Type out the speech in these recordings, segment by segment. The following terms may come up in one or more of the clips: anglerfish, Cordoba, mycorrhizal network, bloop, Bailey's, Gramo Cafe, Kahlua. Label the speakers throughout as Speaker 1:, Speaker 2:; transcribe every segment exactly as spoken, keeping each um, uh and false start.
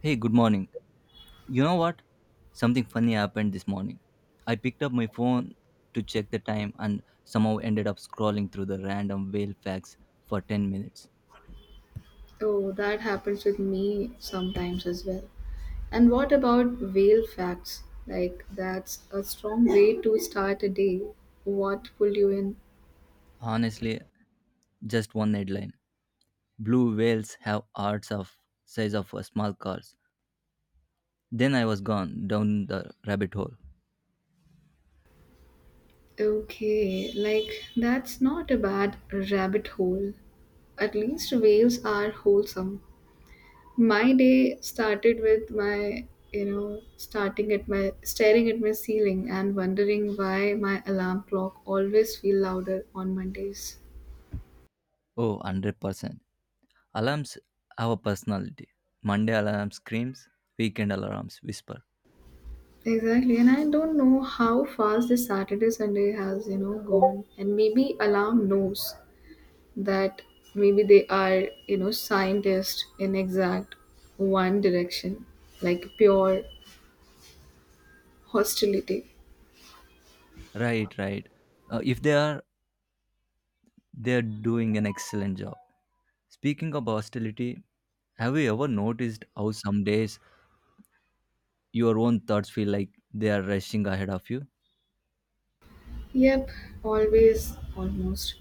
Speaker 1: Hey, good morning. You know what? Something funny happened this morning. I picked up my phone to check the time and somehow ended up scrolling through the random whale facts for ten minutes.
Speaker 2: Oh, that happens with me sometimes as well. And what about whale facts? Like, that's a strong way to start a day. What pulled you in?
Speaker 1: Honestly, just one headline. Blue whales have hearts of size of a small cars. Then I was gone down the rabbit hole.
Speaker 2: Okay, like, that's not a bad rabbit hole. At least whales are wholesome. My day started with my, you know, starting at my, staring at my ceiling and wondering why my alarm clock always feel louder on Mondays.
Speaker 1: Oh, one hundred percent. Alarms have a personality. Monday alarm screams, weekend alarms whisper.
Speaker 2: Exactly, and I don't know how fast this Saturday Sunday has you know gone, and maybe alarm knows that maybe they are you know scientists in exact one direction, like pure hostility.
Speaker 1: Right, right. Uh, if they are They're doing an excellent job. Speaking of hostility, have you ever noticed how some days your own thoughts feel like they are rushing ahead of you?
Speaker 2: Yep, always, almost,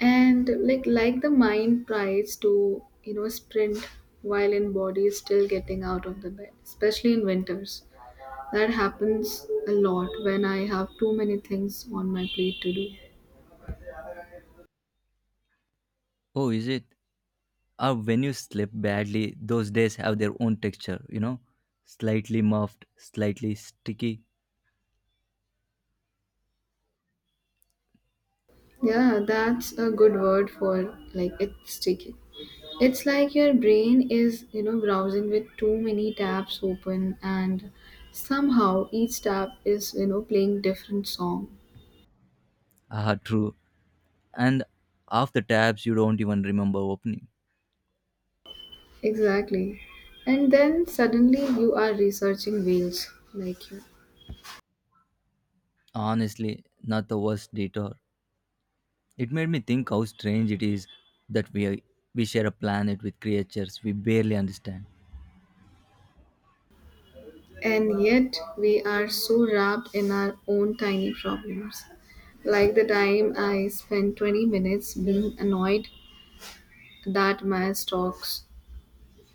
Speaker 2: and like like the mind tries to you know sprint while in body is still getting out of the bed, especially in winters. That happens a lot when I have too many things on my plate to do.
Speaker 1: Oh, is it? Or when you sleep badly, those days have their own texture, you know? Slightly muffed, slightly sticky.
Speaker 2: Yeah, that's a good word for like it's sticky. It's like your brain is, you know, browsing with too many tabs open and somehow each tab is, you know, playing different song.
Speaker 1: Ah, true. And half the tabs you don't even remember opening.
Speaker 2: Exactly. And then suddenly you are researching whales like you.
Speaker 1: Honestly, not the worst detour. It made me think how strange it is that we, are, we share a planet with creatures we barely understand.
Speaker 2: And yet, we are so wrapped in our own tiny problems. Like the time I spent 20 minutes being annoyed that my stocks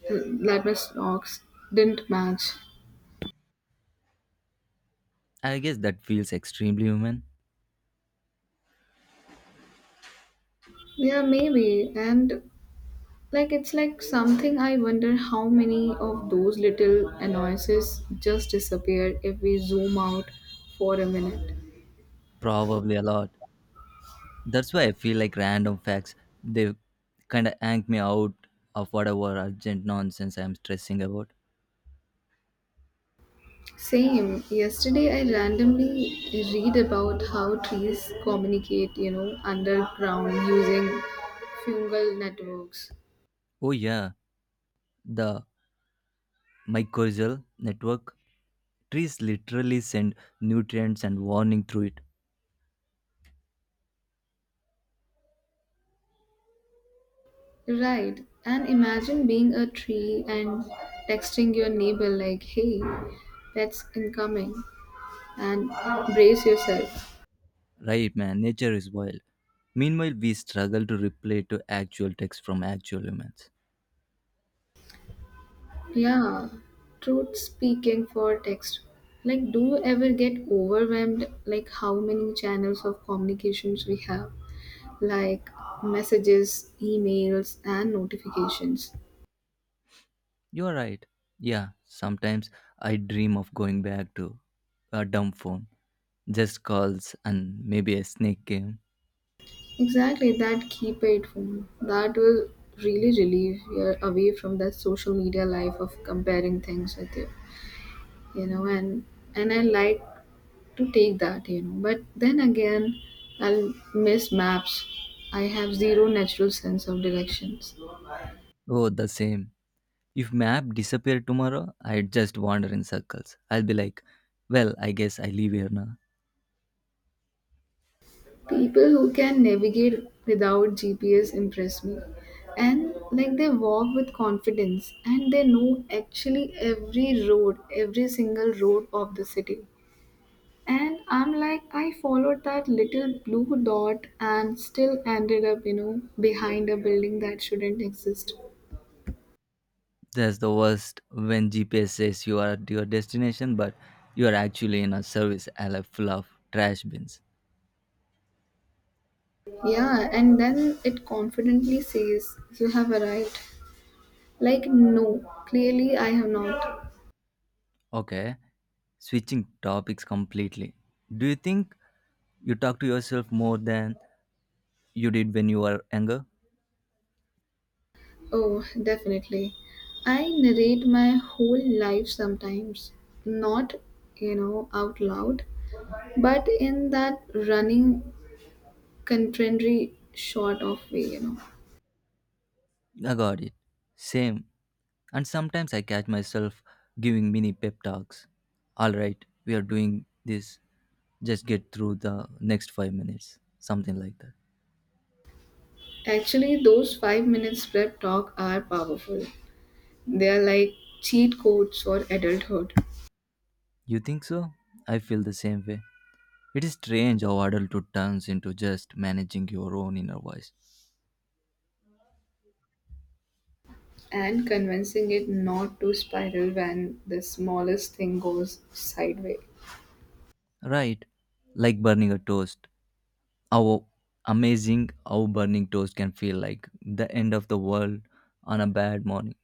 Speaker 2: that my stocks didn't match.
Speaker 1: I guess that feels extremely human.
Speaker 2: Yeah, maybe. And like it's like something I wonder how many of those little annoyances just disappear if we zoom out for a minute.
Speaker 1: Probably a lot. That's why I feel like random facts they kind of yank me out of whatever urgent nonsense I'm stressing about.
Speaker 2: Same. Yesterday, I randomly read about how trees communicate, you know, underground using fungal networks.
Speaker 1: Oh yeah, the mycorrhizal network. Trees literally send nutrients and warning through it.
Speaker 2: Right. And imagine being a tree and texting your neighbor, like, hey, that's incoming, and brace yourself.
Speaker 1: Right, man. Nature is wild. Meanwhile, we struggle to reply to actual texts from actual humans.
Speaker 2: Yeah, truth speaking for text. Like, do you ever get overwhelmed? Like, how many channels of communications we have? Like, messages, emails, and notifications.
Speaker 1: You are right. Yeah, sometimes I dream of going back to a dumb phone. Just calls and maybe a snake game.
Speaker 2: Exactly, that keypad phone. That will really relieve you away from that social media life of comparing things with you. You know, and and I like to take that, you know. But then again, I'll miss maps. I have zero natural sense of directions.
Speaker 1: Oh, the same. If map disappeared tomorrow, I'd just wander in circles. I'll be like, well, I guess I leave here now.
Speaker 2: People who can navigate without G P S impress me. And like they walk with confidence and they know actually every road, every single road of the city. And I'm like, I followed that little blue dot and still ended up, you know, behind a building that shouldn't exist.
Speaker 1: That's the worst when G P S says you are at your destination, but you are actually in a service area full of trash bins.
Speaker 2: Yeah, and then it confidently says, "You have arrived." Like, no, clearly I have not.
Speaker 1: Okay, switching topics completely. Do you think you talk to yourself more than you did when you were younger?
Speaker 2: Oh, definitely. I narrate my whole life sometimes, not, you know, out loud, but in that running, contrary sort of way, you know.
Speaker 1: I got it. Same. And sometimes I catch myself giving mini pep talks. All right, we are doing this. Just get through the next five minutes. Something like that.
Speaker 2: Actually, those five minutes prep talk are powerful. They are like cheat codes for adulthood.
Speaker 1: You think so? I feel the same way. It is strange how adulthood turns into just managing your own inner voice.
Speaker 2: And convincing it not to spiral when the smallest thing goes sideways.
Speaker 1: Right, like burning a toast. How amazing how burning toast can feel like the end of the world on a bad morning.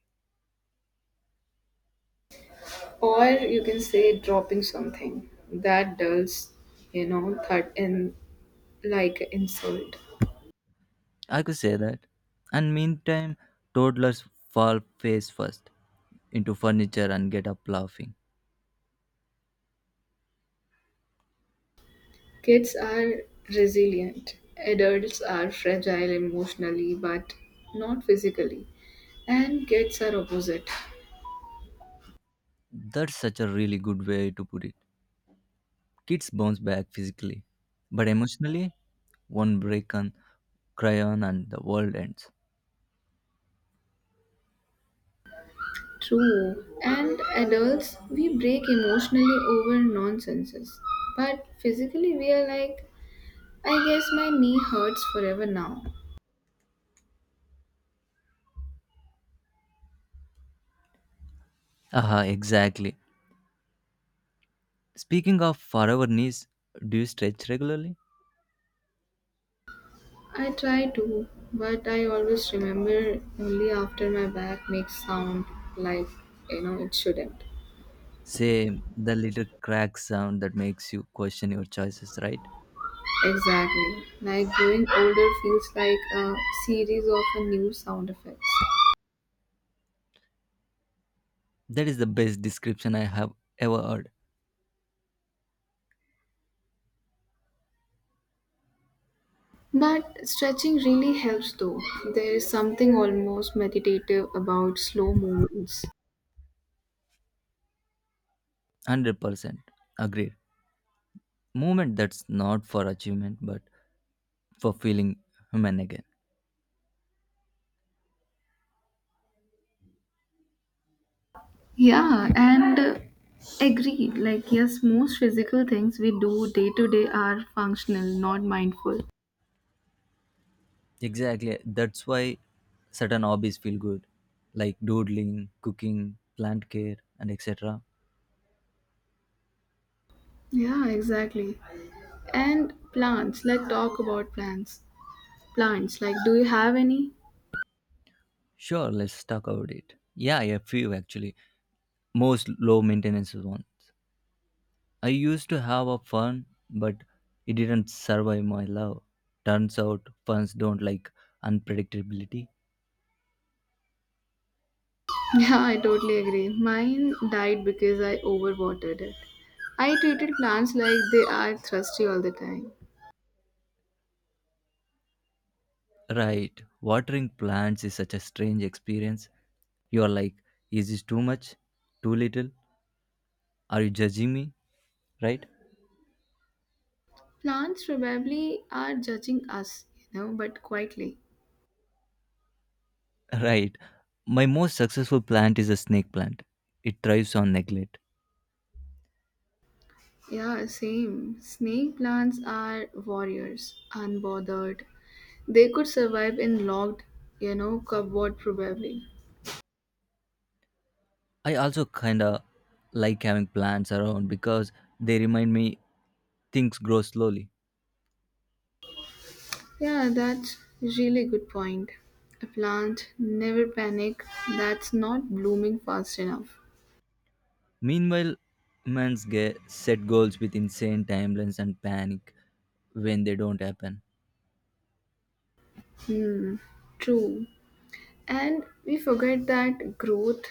Speaker 2: Or you can say dropping something that dulls, you know, thud in like insult.
Speaker 1: I could say that. And meantime, toddlers fall face first into furniture and get up laughing.
Speaker 2: Kids are resilient. Adults are fragile emotionally but not physically. And kids are opposite.
Speaker 1: That's such a really good way to put it. Kids bounce back physically, but emotionally, one break on crayon and the world ends.
Speaker 2: True. And adults, we break emotionally over nonsenses. But physically, we are like I guess my knee hurts forever now.
Speaker 1: Aha, exactly. Speaking of forever knees, do you stretch regularly?
Speaker 2: I try to, but I always remember only after my back makes sound like you know it shouldn't.
Speaker 1: Say the little crack sound that makes you question your choices, right?
Speaker 2: Exactly. Like growing older feels like a series of a new sound effects.
Speaker 1: That is the best description I have ever heard.
Speaker 2: But stretching really helps though. There is something almost meditative about slow movements.
Speaker 1: one hundred percent agreed. Movement that's not for achievement but for feeling human again.
Speaker 2: Yeah, and uh, agreed. Like, yes, most physical things we do day to day are functional, not mindful.
Speaker 1: Exactly, that's why certain hobbies feel good, like doodling, cooking, plant care, and etc.
Speaker 2: Yeah, exactly. And plants, let's talk about plants. Plants, like, do you have any?
Speaker 1: Sure, let's talk about it. Yeah, a few actually. Most low maintenance ones. I used to have a fun, but it didn't survive my love. Turns out ferns don't like unpredictability.
Speaker 2: Yeah, I totally agree. Mine died because I overwatered it. I treated plants like they are thirsty all the time.
Speaker 1: Right, watering plants is such a strange experience. You are like, is this too much? Too little? Are you judging me? Right?
Speaker 2: Plants probably are judging us, you know, but quietly.
Speaker 1: Right. My most successful plant is a snake plant. It thrives on neglect.
Speaker 2: Yeah, same. Snake plants are warriors, unbothered. They could survive in locked, you know, cupboard probably.
Speaker 1: I also kinda like having plants around because they remind me things grow slowly.
Speaker 2: Yeah, that's really good point. A plant never panic that's not blooming fast enough.
Speaker 1: Meanwhile, men's get set goals with insane timelines and panic when they don't happen.
Speaker 2: Hmm, true. And we forget that growth,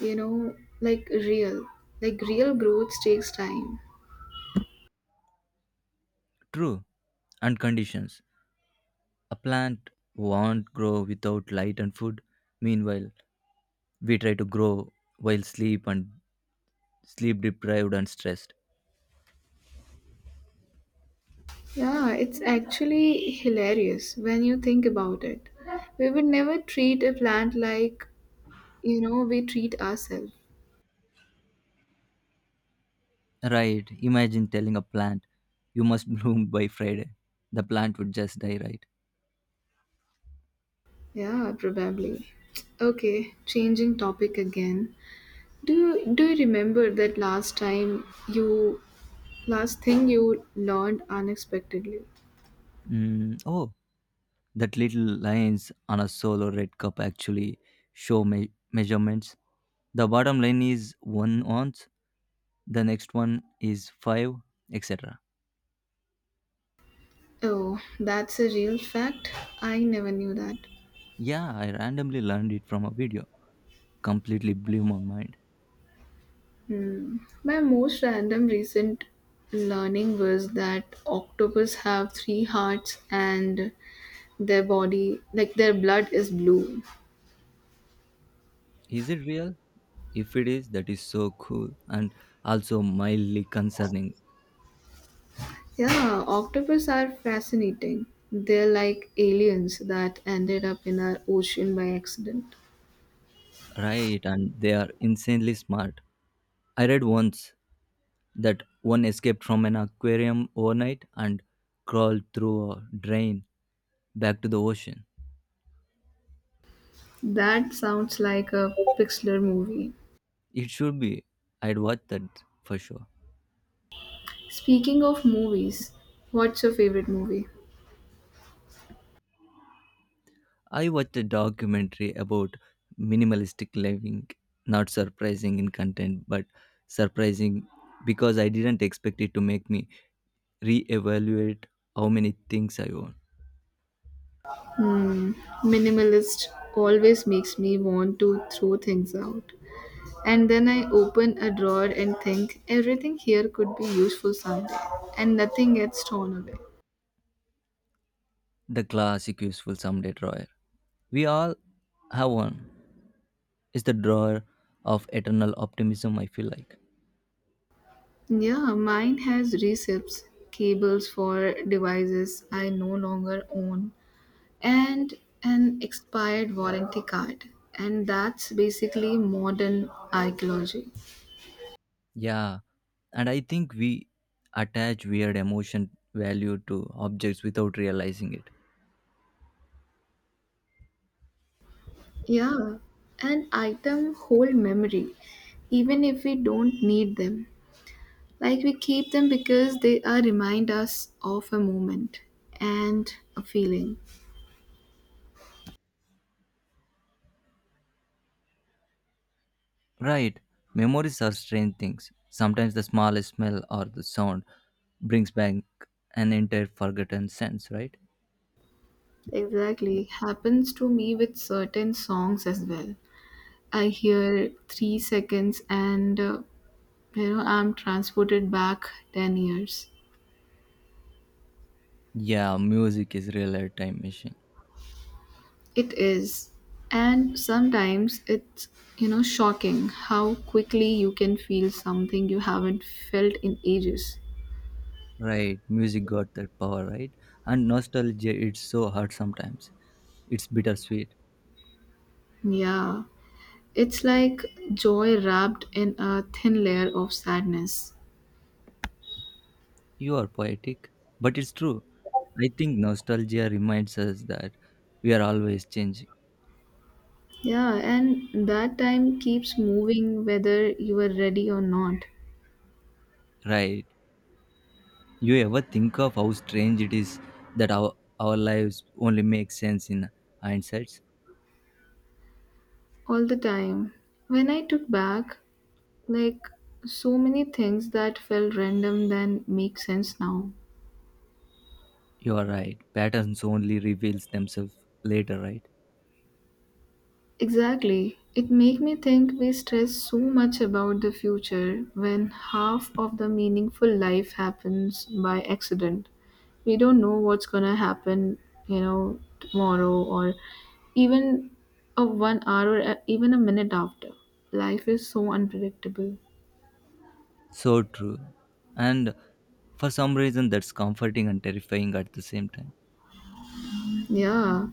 Speaker 2: you know, like real, like real growth takes time.
Speaker 1: True, and conditions. A plant won't grow without light and food. Meanwhile, we try to grow while sleep and sleep deprived and stressed.
Speaker 2: Yeah, it's actually hilarious when you think about it. We would never treat a plant like, you know, we treat ourselves.
Speaker 1: Right. Imagine telling a plant, you must bloom by Friday. The plant would just die, right?
Speaker 2: Yeah, probably. Okay, changing topic again. Do you do you remember that last time you last thing you learned unexpectedly?
Speaker 1: Mm, oh, that little lines on a solo red cup actually show me- measurements. The bottom line is one ounce, the next one is five, et cetera.
Speaker 2: Oh, that's a real fact. I never knew that.
Speaker 1: Yeah, I randomly learned it from a video. Completely blew my mind.
Speaker 2: Hmm. My most random recent learning was that octopus have three hearts and their body like their blood is blue.
Speaker 1: Is it real? If it is, that is so cool and also mildly concerning,
Speaker 2: Yeah, octopus are fascinating. They're like aliens that ended up in our ocean by accident.
Speaker 1: right? And they are insanely smart. I read once that one escaped from an aquarium overnight and crawled through a drain back to the ocean.
Speaker 2: That sounds like a Pixlr movie.
Speaker 1: It should be. I'd watch that for sure.
Speaker 2: Speaking of movies, what's your favorite movie?
Speaker 1: I watched a documentary about minimalistic living. Not surprising in content, but surprising because I didn't expect it to make me reevaluate how many things I own.
Speaker 2: Hmm, minimalist always makes me want to throw things out. And then I open a drawer and think everything here could be useful someday, and nothing gets thrown away.
Speaker 1: The classic useful someday drawer. We all have one. It's the drawer of eternal optimism, I feel like.
Speaker 2: Yeah, mine has receipts, cables for devices I no longer own, and an expired warranty card. And that's basically modern archaeology.
Speaker 1: Yeah, and I think we attach weird emotion value to objects without realizing it.
Speaker 2: Yeah, and item hold memory, even if we don't need them. Like we keep them because they are remind us of a moment and a feeling.
Speaker 1: Right, memories are strange things. Sometimes the smallest smell or the sound brings back an entire forgotten sense, right?
Speaker 2: Exactly, happens to me with certain songs as well. I hear three seconds and uh, you know I'm transported back ten years.
Speaker 1: Yeah, music is real time machine.
Speaker 2: It is. And sometimes it's, you know, shocking how quickly you can feel something you haven't felt in ages.
Speaker 1: Right, music got that power, right? And nostalgia, it's so hard sometimes. It's bittersweet.
Speaker 2: Yeah. It's like joy wrapped in a thin layer of sadness.
Speaker 1: You are poetic, but it's true. I think nostalgia reminds us that we are always changing,
Speaker 2: Yeah, and that time keeps moving whether you are ready or not.
Speaker 1: right? You ever think of how strange it is that our, our lives only make sense in hindsight?
Speaker 2: All the time. When I took back, like, so many things that felt random then make sense now.
Speaker 1: You are right. Patterns only reveals themselves later, right?
Speaker 2: Exactly. It make me think we stress so much about the future when half of the meaningful life happens by accident. We don't know what's gonna happen, you know, tomorrow or even a one hour or a- even a minute after. Life is so unpredictable.
Speaker 1: So true. And for some reason, that's comforting and terrifying at the same time.
Speaker 2: Yeah,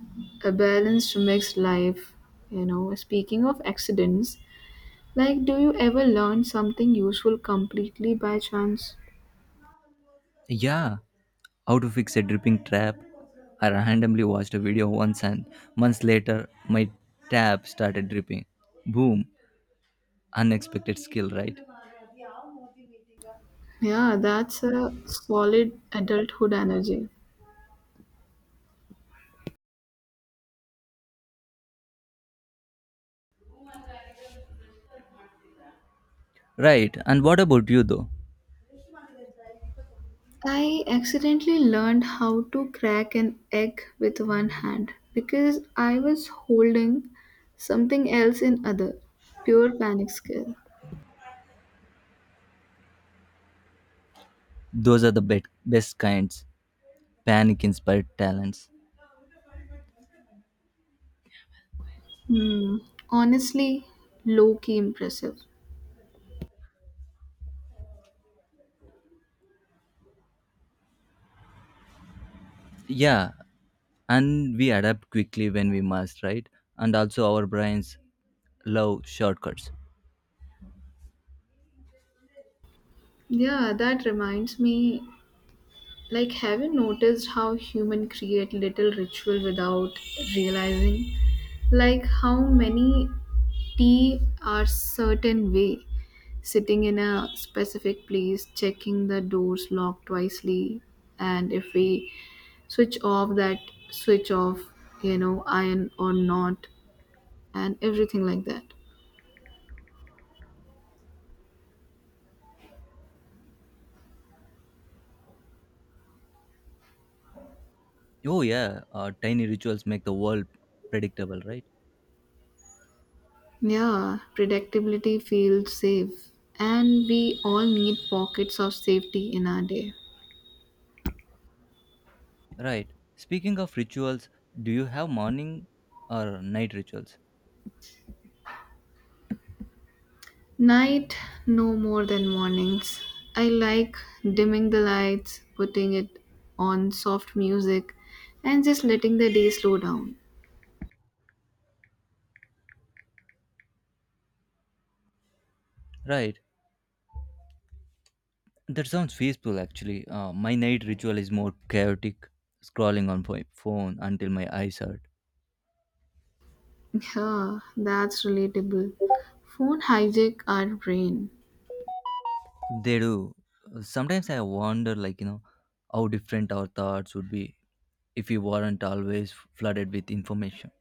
Speaker 2: a balanced mixed life. You know, speaking of accidents, like, do you ever learn something useful completely by chance?
Speaker 1: Yeah, how to fix a dripping trap. I randomly watched a video once and months later my tap started dripping. Boom, unexpected skill, right?
Speaker 2: Yeah, that's a solid adulthood energy.
Speaker 1: Right, and what about you though?
Speaker 2: I accidentally learned how to crack an egg with one hand because I was holding something else in other. Pure panic skill.
Speaker 1: Those are the bet best kinds, panic inspired talents.
Speaker 2: Hmm. Honestly, low key impressive.
Speaker 1: Yeah, and we adapt quickly when we must, right? And also our brains love shortcuts.
Speaker 2: Yeah, that reminds me. Like, have you noticed how humans create little ritual without realizing? Like, how many tea are certain way, sitting in a specific place, checking the doors locked wisely, and if we switch off that switch off, you know, iron or not, and everything like that.
Speaker 1: Oh yeah, uh, tiny rituals make the world predictable, right?
Speaker 2: Yeah, predictability feels safe, and we all need pockets of safety in our day.
Speaker 1: Right. Speaking of rituals, do you have morning or night rituals?
Speaker 2: Night, no more than mornings. I like dimming the lights, putting it on soft music, and just letting the day slow down.
Speaker 1: Right. That sounds peaceful actually. Uh, my night ritual is more chaotic, scrolling on my phone until my eyes hurt.
Speaker 2: Yeah, that's relatable. Phone hijack our brain.
Speaker 1: They do. Sometimes I wonder, like, you know, how different our thoughts would be if we weren't always flooded with information.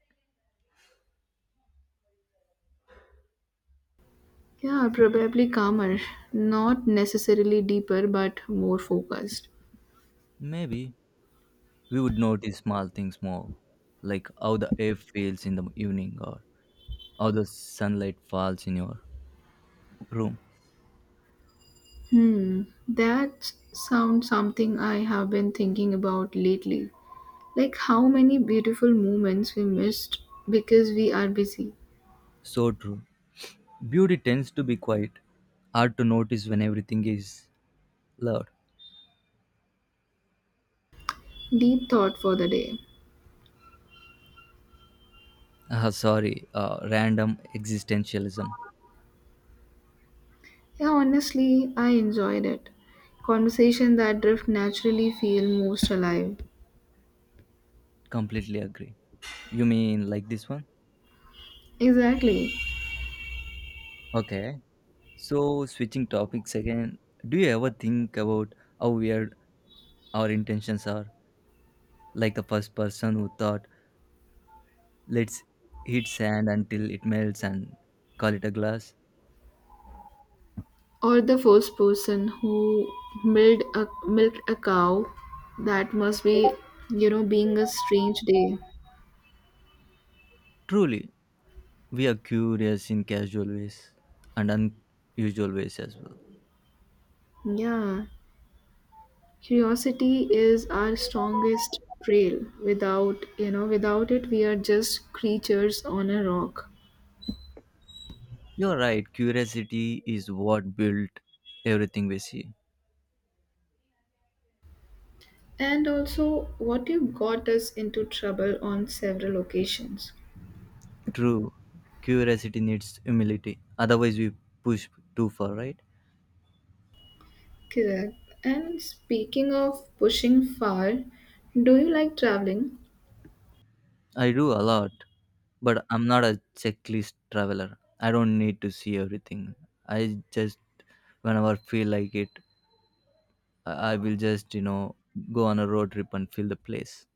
Speaker 2: Yeah, probably calmer. Not necessarily deeper, but more focused.
Speaker 1: Maybe we would notice small things more, like how the air feels in the evening or how the sunlight falls in your room.
Speaker 2: Hmm, that sounds something I have been thinking about lately. Like how many beautiful moments we missed because we are busy.
Speaker 1: So true. Beauty tends to be quiet, hard to notice when everything is loud.
Speaker 2: Deep thought for the day.
Speaker 1: Ah, sorry, uh, random existentialism.
Speaker 2: Yeah, honestly, I enjoyed it. Conversation that drift naturally feel most alive.
Speaker 1: Completely agree. You mean like this one?
Speaker 2: Exactly.
Speaker 1: Okay. So, switching topics again, do you ever think about how weird our intentions are? Like the first person who thought, let's hit sand until it melts and call it a glass?
Speaker 2: Or the first person who milked a, milked a cow that must be, you know, being a strange day.
Speaker 1: Truly, we are curious in casual ways and unusual ways as well.
Speaker 2: Yeah. Curiosity is our strongest trail. Without, you know, without it, we are just creatures on a rock.
Speaker 1: You're right, curiosity is what built everything we see.
Speaker 2: And also, what you got us into trouble on several occasions.
Speaker 1: True, curiosity needs humility, otherwise, we push too far, right?
Speaker 2: Correct. And speaking of pushing far, do you like traveling?
Speaker 1: I do a lot, but I'm not a checklist traveler. I don't need to see everything. I just, whenever I feel like it, I I will just, you know, go on a road trip and feel the place.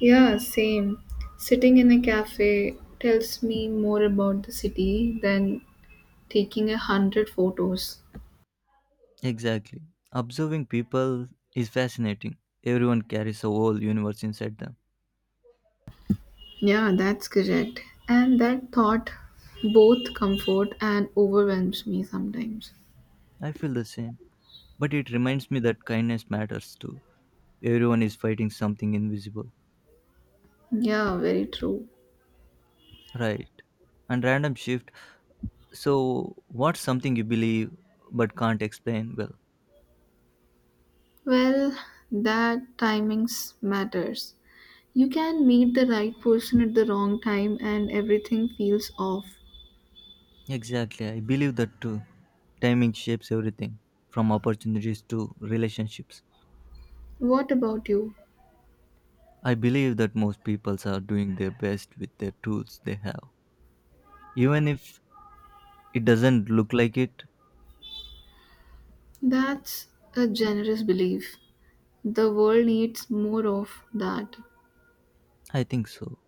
Speaker 2: Yeah, same. Sitting in a cafe tells me more about the city than taking a hundred photos.
Speaker 1: Exactly. Observing people is fascinating. Everyone carries a whole universe inside them.
Speaker 2: Yeah, that's correct. And that thought both comfort and overwhelms me sometimes.
Speaker 1: I feel the same. But it reminds me that kindness matters too. Everyone is fighting something invisible.
Speaker 2: Yeah, very true.
Speaker 1: Right. And random shift. So, what's something you believe but can't explain well?
Speaker 2: Well, that timings matters. You can meet the right person at the wrong time and everything feels off.
Speaker 1: Exactly. I believe that too. Timing shapes everything, from opportunities to relationships.
Speaker 2: What about you?
Speaker 1: I believe that most people are doing their best with their tools they have. Even if it doesn't look like it,
Speaker 2: That's a generous belief. The world needs more of that.
Speaker 1: I think so.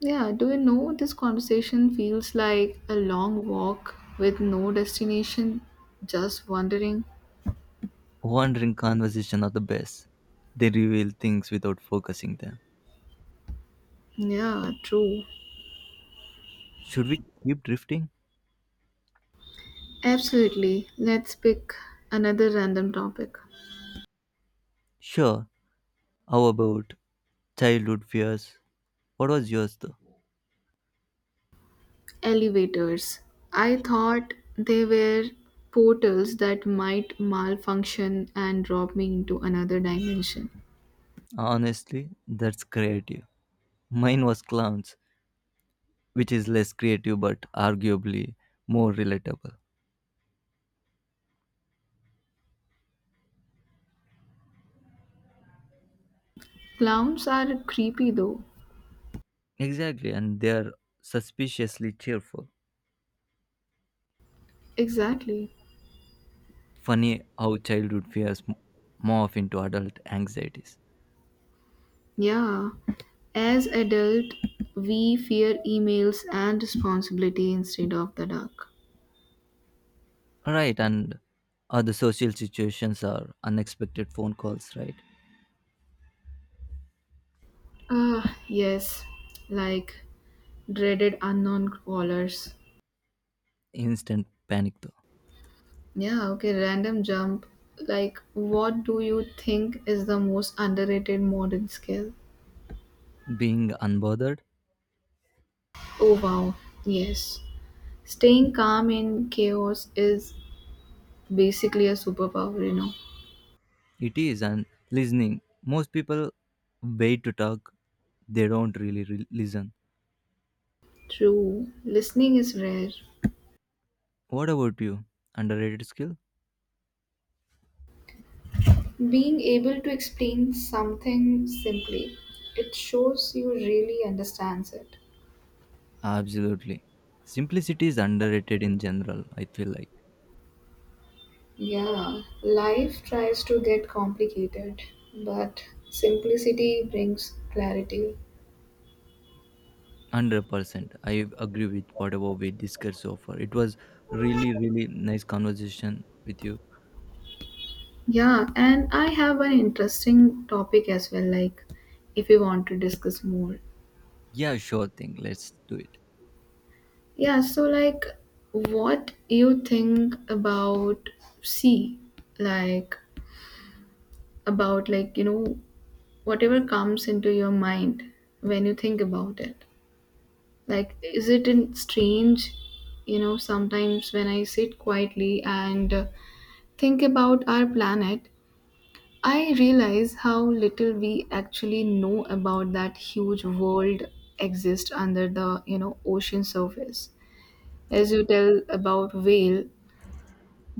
Speaker 2: Yeah, do you know this conversation feels like a long walk with no destination, just wandering?
Speaker 1: Wandering conversation are the best. They reveal things without focusing them.
Speaker 2: Yeah, true.
Speaker 1: Should we keep drifting?
Speaker 2: Absolutely. Let's pick another random topic.
Speaker 1: Sure. How about childhood fears? What was yours though?
Speaker 2: Elevators. I thought they were portals that might malfunction and drop me into another dimension.
Speaker 1: Honestly, that's creative. Mine was clowns, which is less creative but arguably more relatable.
Speaker 2: Clowns are creepy though.
Speaker 1: Exactly, and they're suspiciously cheerful.
Speaker 2: Exactly.
Speaker 1: Funny how childhood fears m- morph into adult anxieties.
Speaker 2: Yeah. As adult, we fear emails and responsibility instead of the dark.
Speaker 1: Right, and other social situations are unexpected phone calls, right?
Speaker 2: Ah, yes. Like dreaded unknown callers.
Speaker 1: Instant panic though.
Speaker 2: Yeah, okay, random jump. Like, what do you think is the most underrated modern skill?
Speaker 1: Being unbothered.
Speaker 2: Oh, wow. Yes. Staying calm in chaos is basically a superpower, you know.
Speaker 1: It is, and listening. Most people wait to talk, they don't really re- listen.
Speaker 2: True. Listening is rare.
Speaker 1: What about you? Underrated skill?
Speaker 2: Being able to explain something simply, it shows you really understands it.
Speaker 1: Absolutely. Simplicity is underrated in general, I feel like.
Speaker 2: Yeah, life tries to get complicated, but simplicity brings clarity.
Speaker 1: one hundred percent. I agree with whatever we discussed so far. It was really, really nice conversation with you.
Speaker 2: Yeah, and I have an interesting topic as well, like if you want to discuss more.
Speaker 1: Yeah, sure thing. Let's do it.
Speaker 2: Yeah, so like what you think about sea, like about like you know whatever comes into your mind when you think about it. Like, is it in strange? You know, sometimes when I sit quietly and uh, think about our planet, I realize how little we actually know about that huge world exists under the you know ocean surface as you tell about whale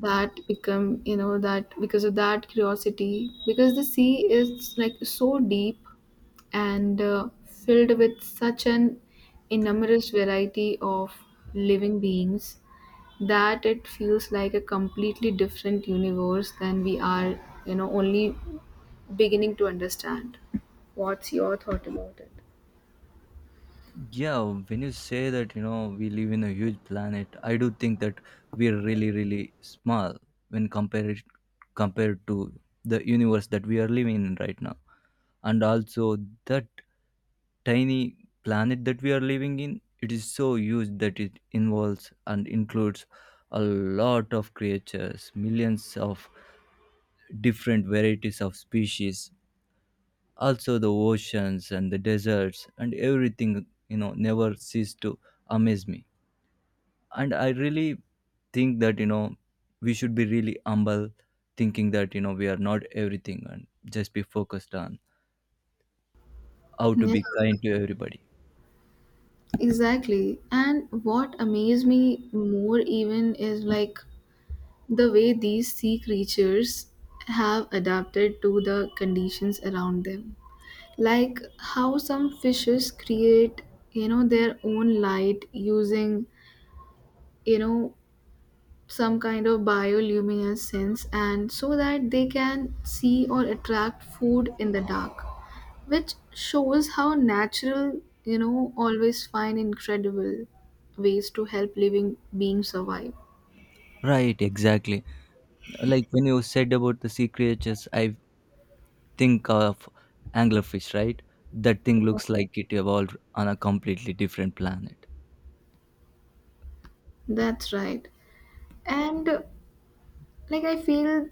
Speaker 2: that become you know that because of that curiosity, because the sea is like so deep and uh, filled with such an innumerable variety of living beings that it feels like a completely different universe than we are, you know, only beginning to understand. What's your thought about it?
Speaker 1: Yeah, when you say that, you know, we live in a huge planet, I do think that we're really, really small when compared compared to the universe that we are living in right now. And also that tiny planet that we are living in, it is so huge that it involves and includes a lot of creatures, millions of different varieties of species, also the oceans and the deserts and everything, you know, never cease to amaze me. And I really think that you know we should be really humble thinking that you know we are not everything and just be focused on how to
Speaker 2: Yeah,
Speaker 1: be kind to everybody.
Speaker 2: exactly. And what amazed me more even is like the way these sea creatures have adapted to the conditions around them, like how some fishes create you know their own light using you know some kind of bioluminescence sense, and so that they can see or attract food in the dark, which shows how natural you know always find incredible ways to help living beings survive.
Speaker 1: Right, exactly, like when you said about the sea creatures, I think of anglerfish, right? That thing looks like it evolved on a completely different planet.
Speaker 2: That's right, and uh, like I feel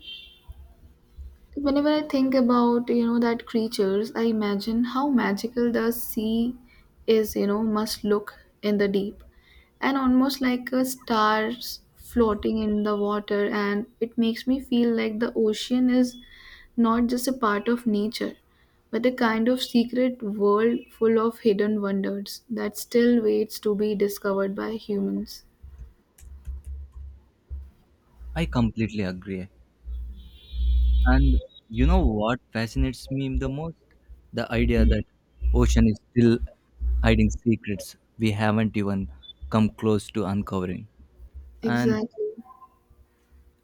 Speaker 2: whenever I think about, you know, that creatures, I imagine how magical the sea is, you know, must look in the deep. And almost like a stars floating in the water, and it makes me feel like the ocean is not just a part of nature, but a kind of secret world full of hidden wonders that still waits to be discovered by humans.
Speaker 1: I completely agree. And you know what fascinates me the most? The idea that ocean is still hiding secrets we haven't even come close to uncovering. And
Speaker 2: Exactly.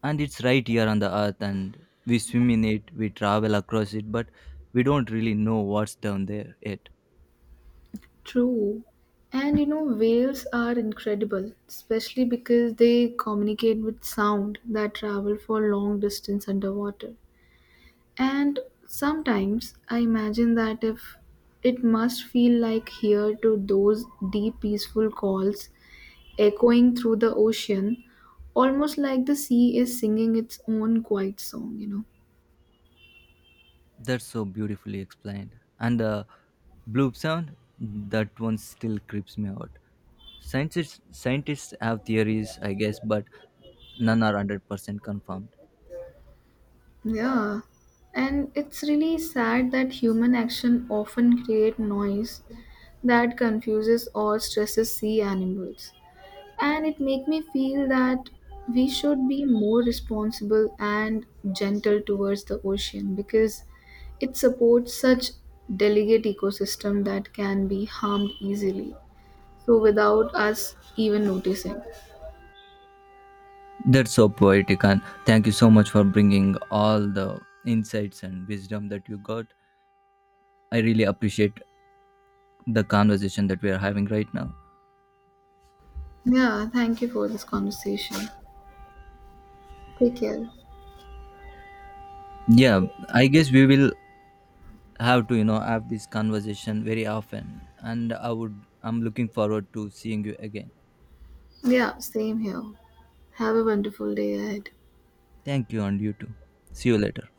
Speaker 1: and it's right here on the earth and we swim in it, we travel across it, but we don't really know what's down there yet.
Speaker 2: True. And you know, whales are incredible, especially because they communicate with sound that travel for long distance underwater. And sometimes I imagine that if it must feel like here to those deep peaceful calls echoing through the ocean, almost like the sea is singing its own quiet song, you know.
Speaker 1: That's so beautifully explained. And the bloop sound, that one still creeps me out. Scientists scientists have theories, I guess, but none are one hundred percent confirmed.
Speaker 2: Yeah, and it's really sad that human action often create noise that confuses or stresses sea animals. And it make me feel that we should be more responsible and gentle towards the ocean because it supports such delicate ecosystem that can be harmed easily. So without us even noticing.
Speaker 1: That's so poetic, and thank you so much for bringing all the insights and wisdom that you got. I really appreciate the conversation that we are having right now.
Speaker 2: Yeah, thank you for this conversation. Take care.
Speaker 1: Yeah, I guess we will have to, you know, have this conversation very often, and I would, I'm looking forward to seeing you again.
Speaker 2: Yeah, same here. Have a wonderful day ahead.
Speaker 1: Thank you, and you too. See you later.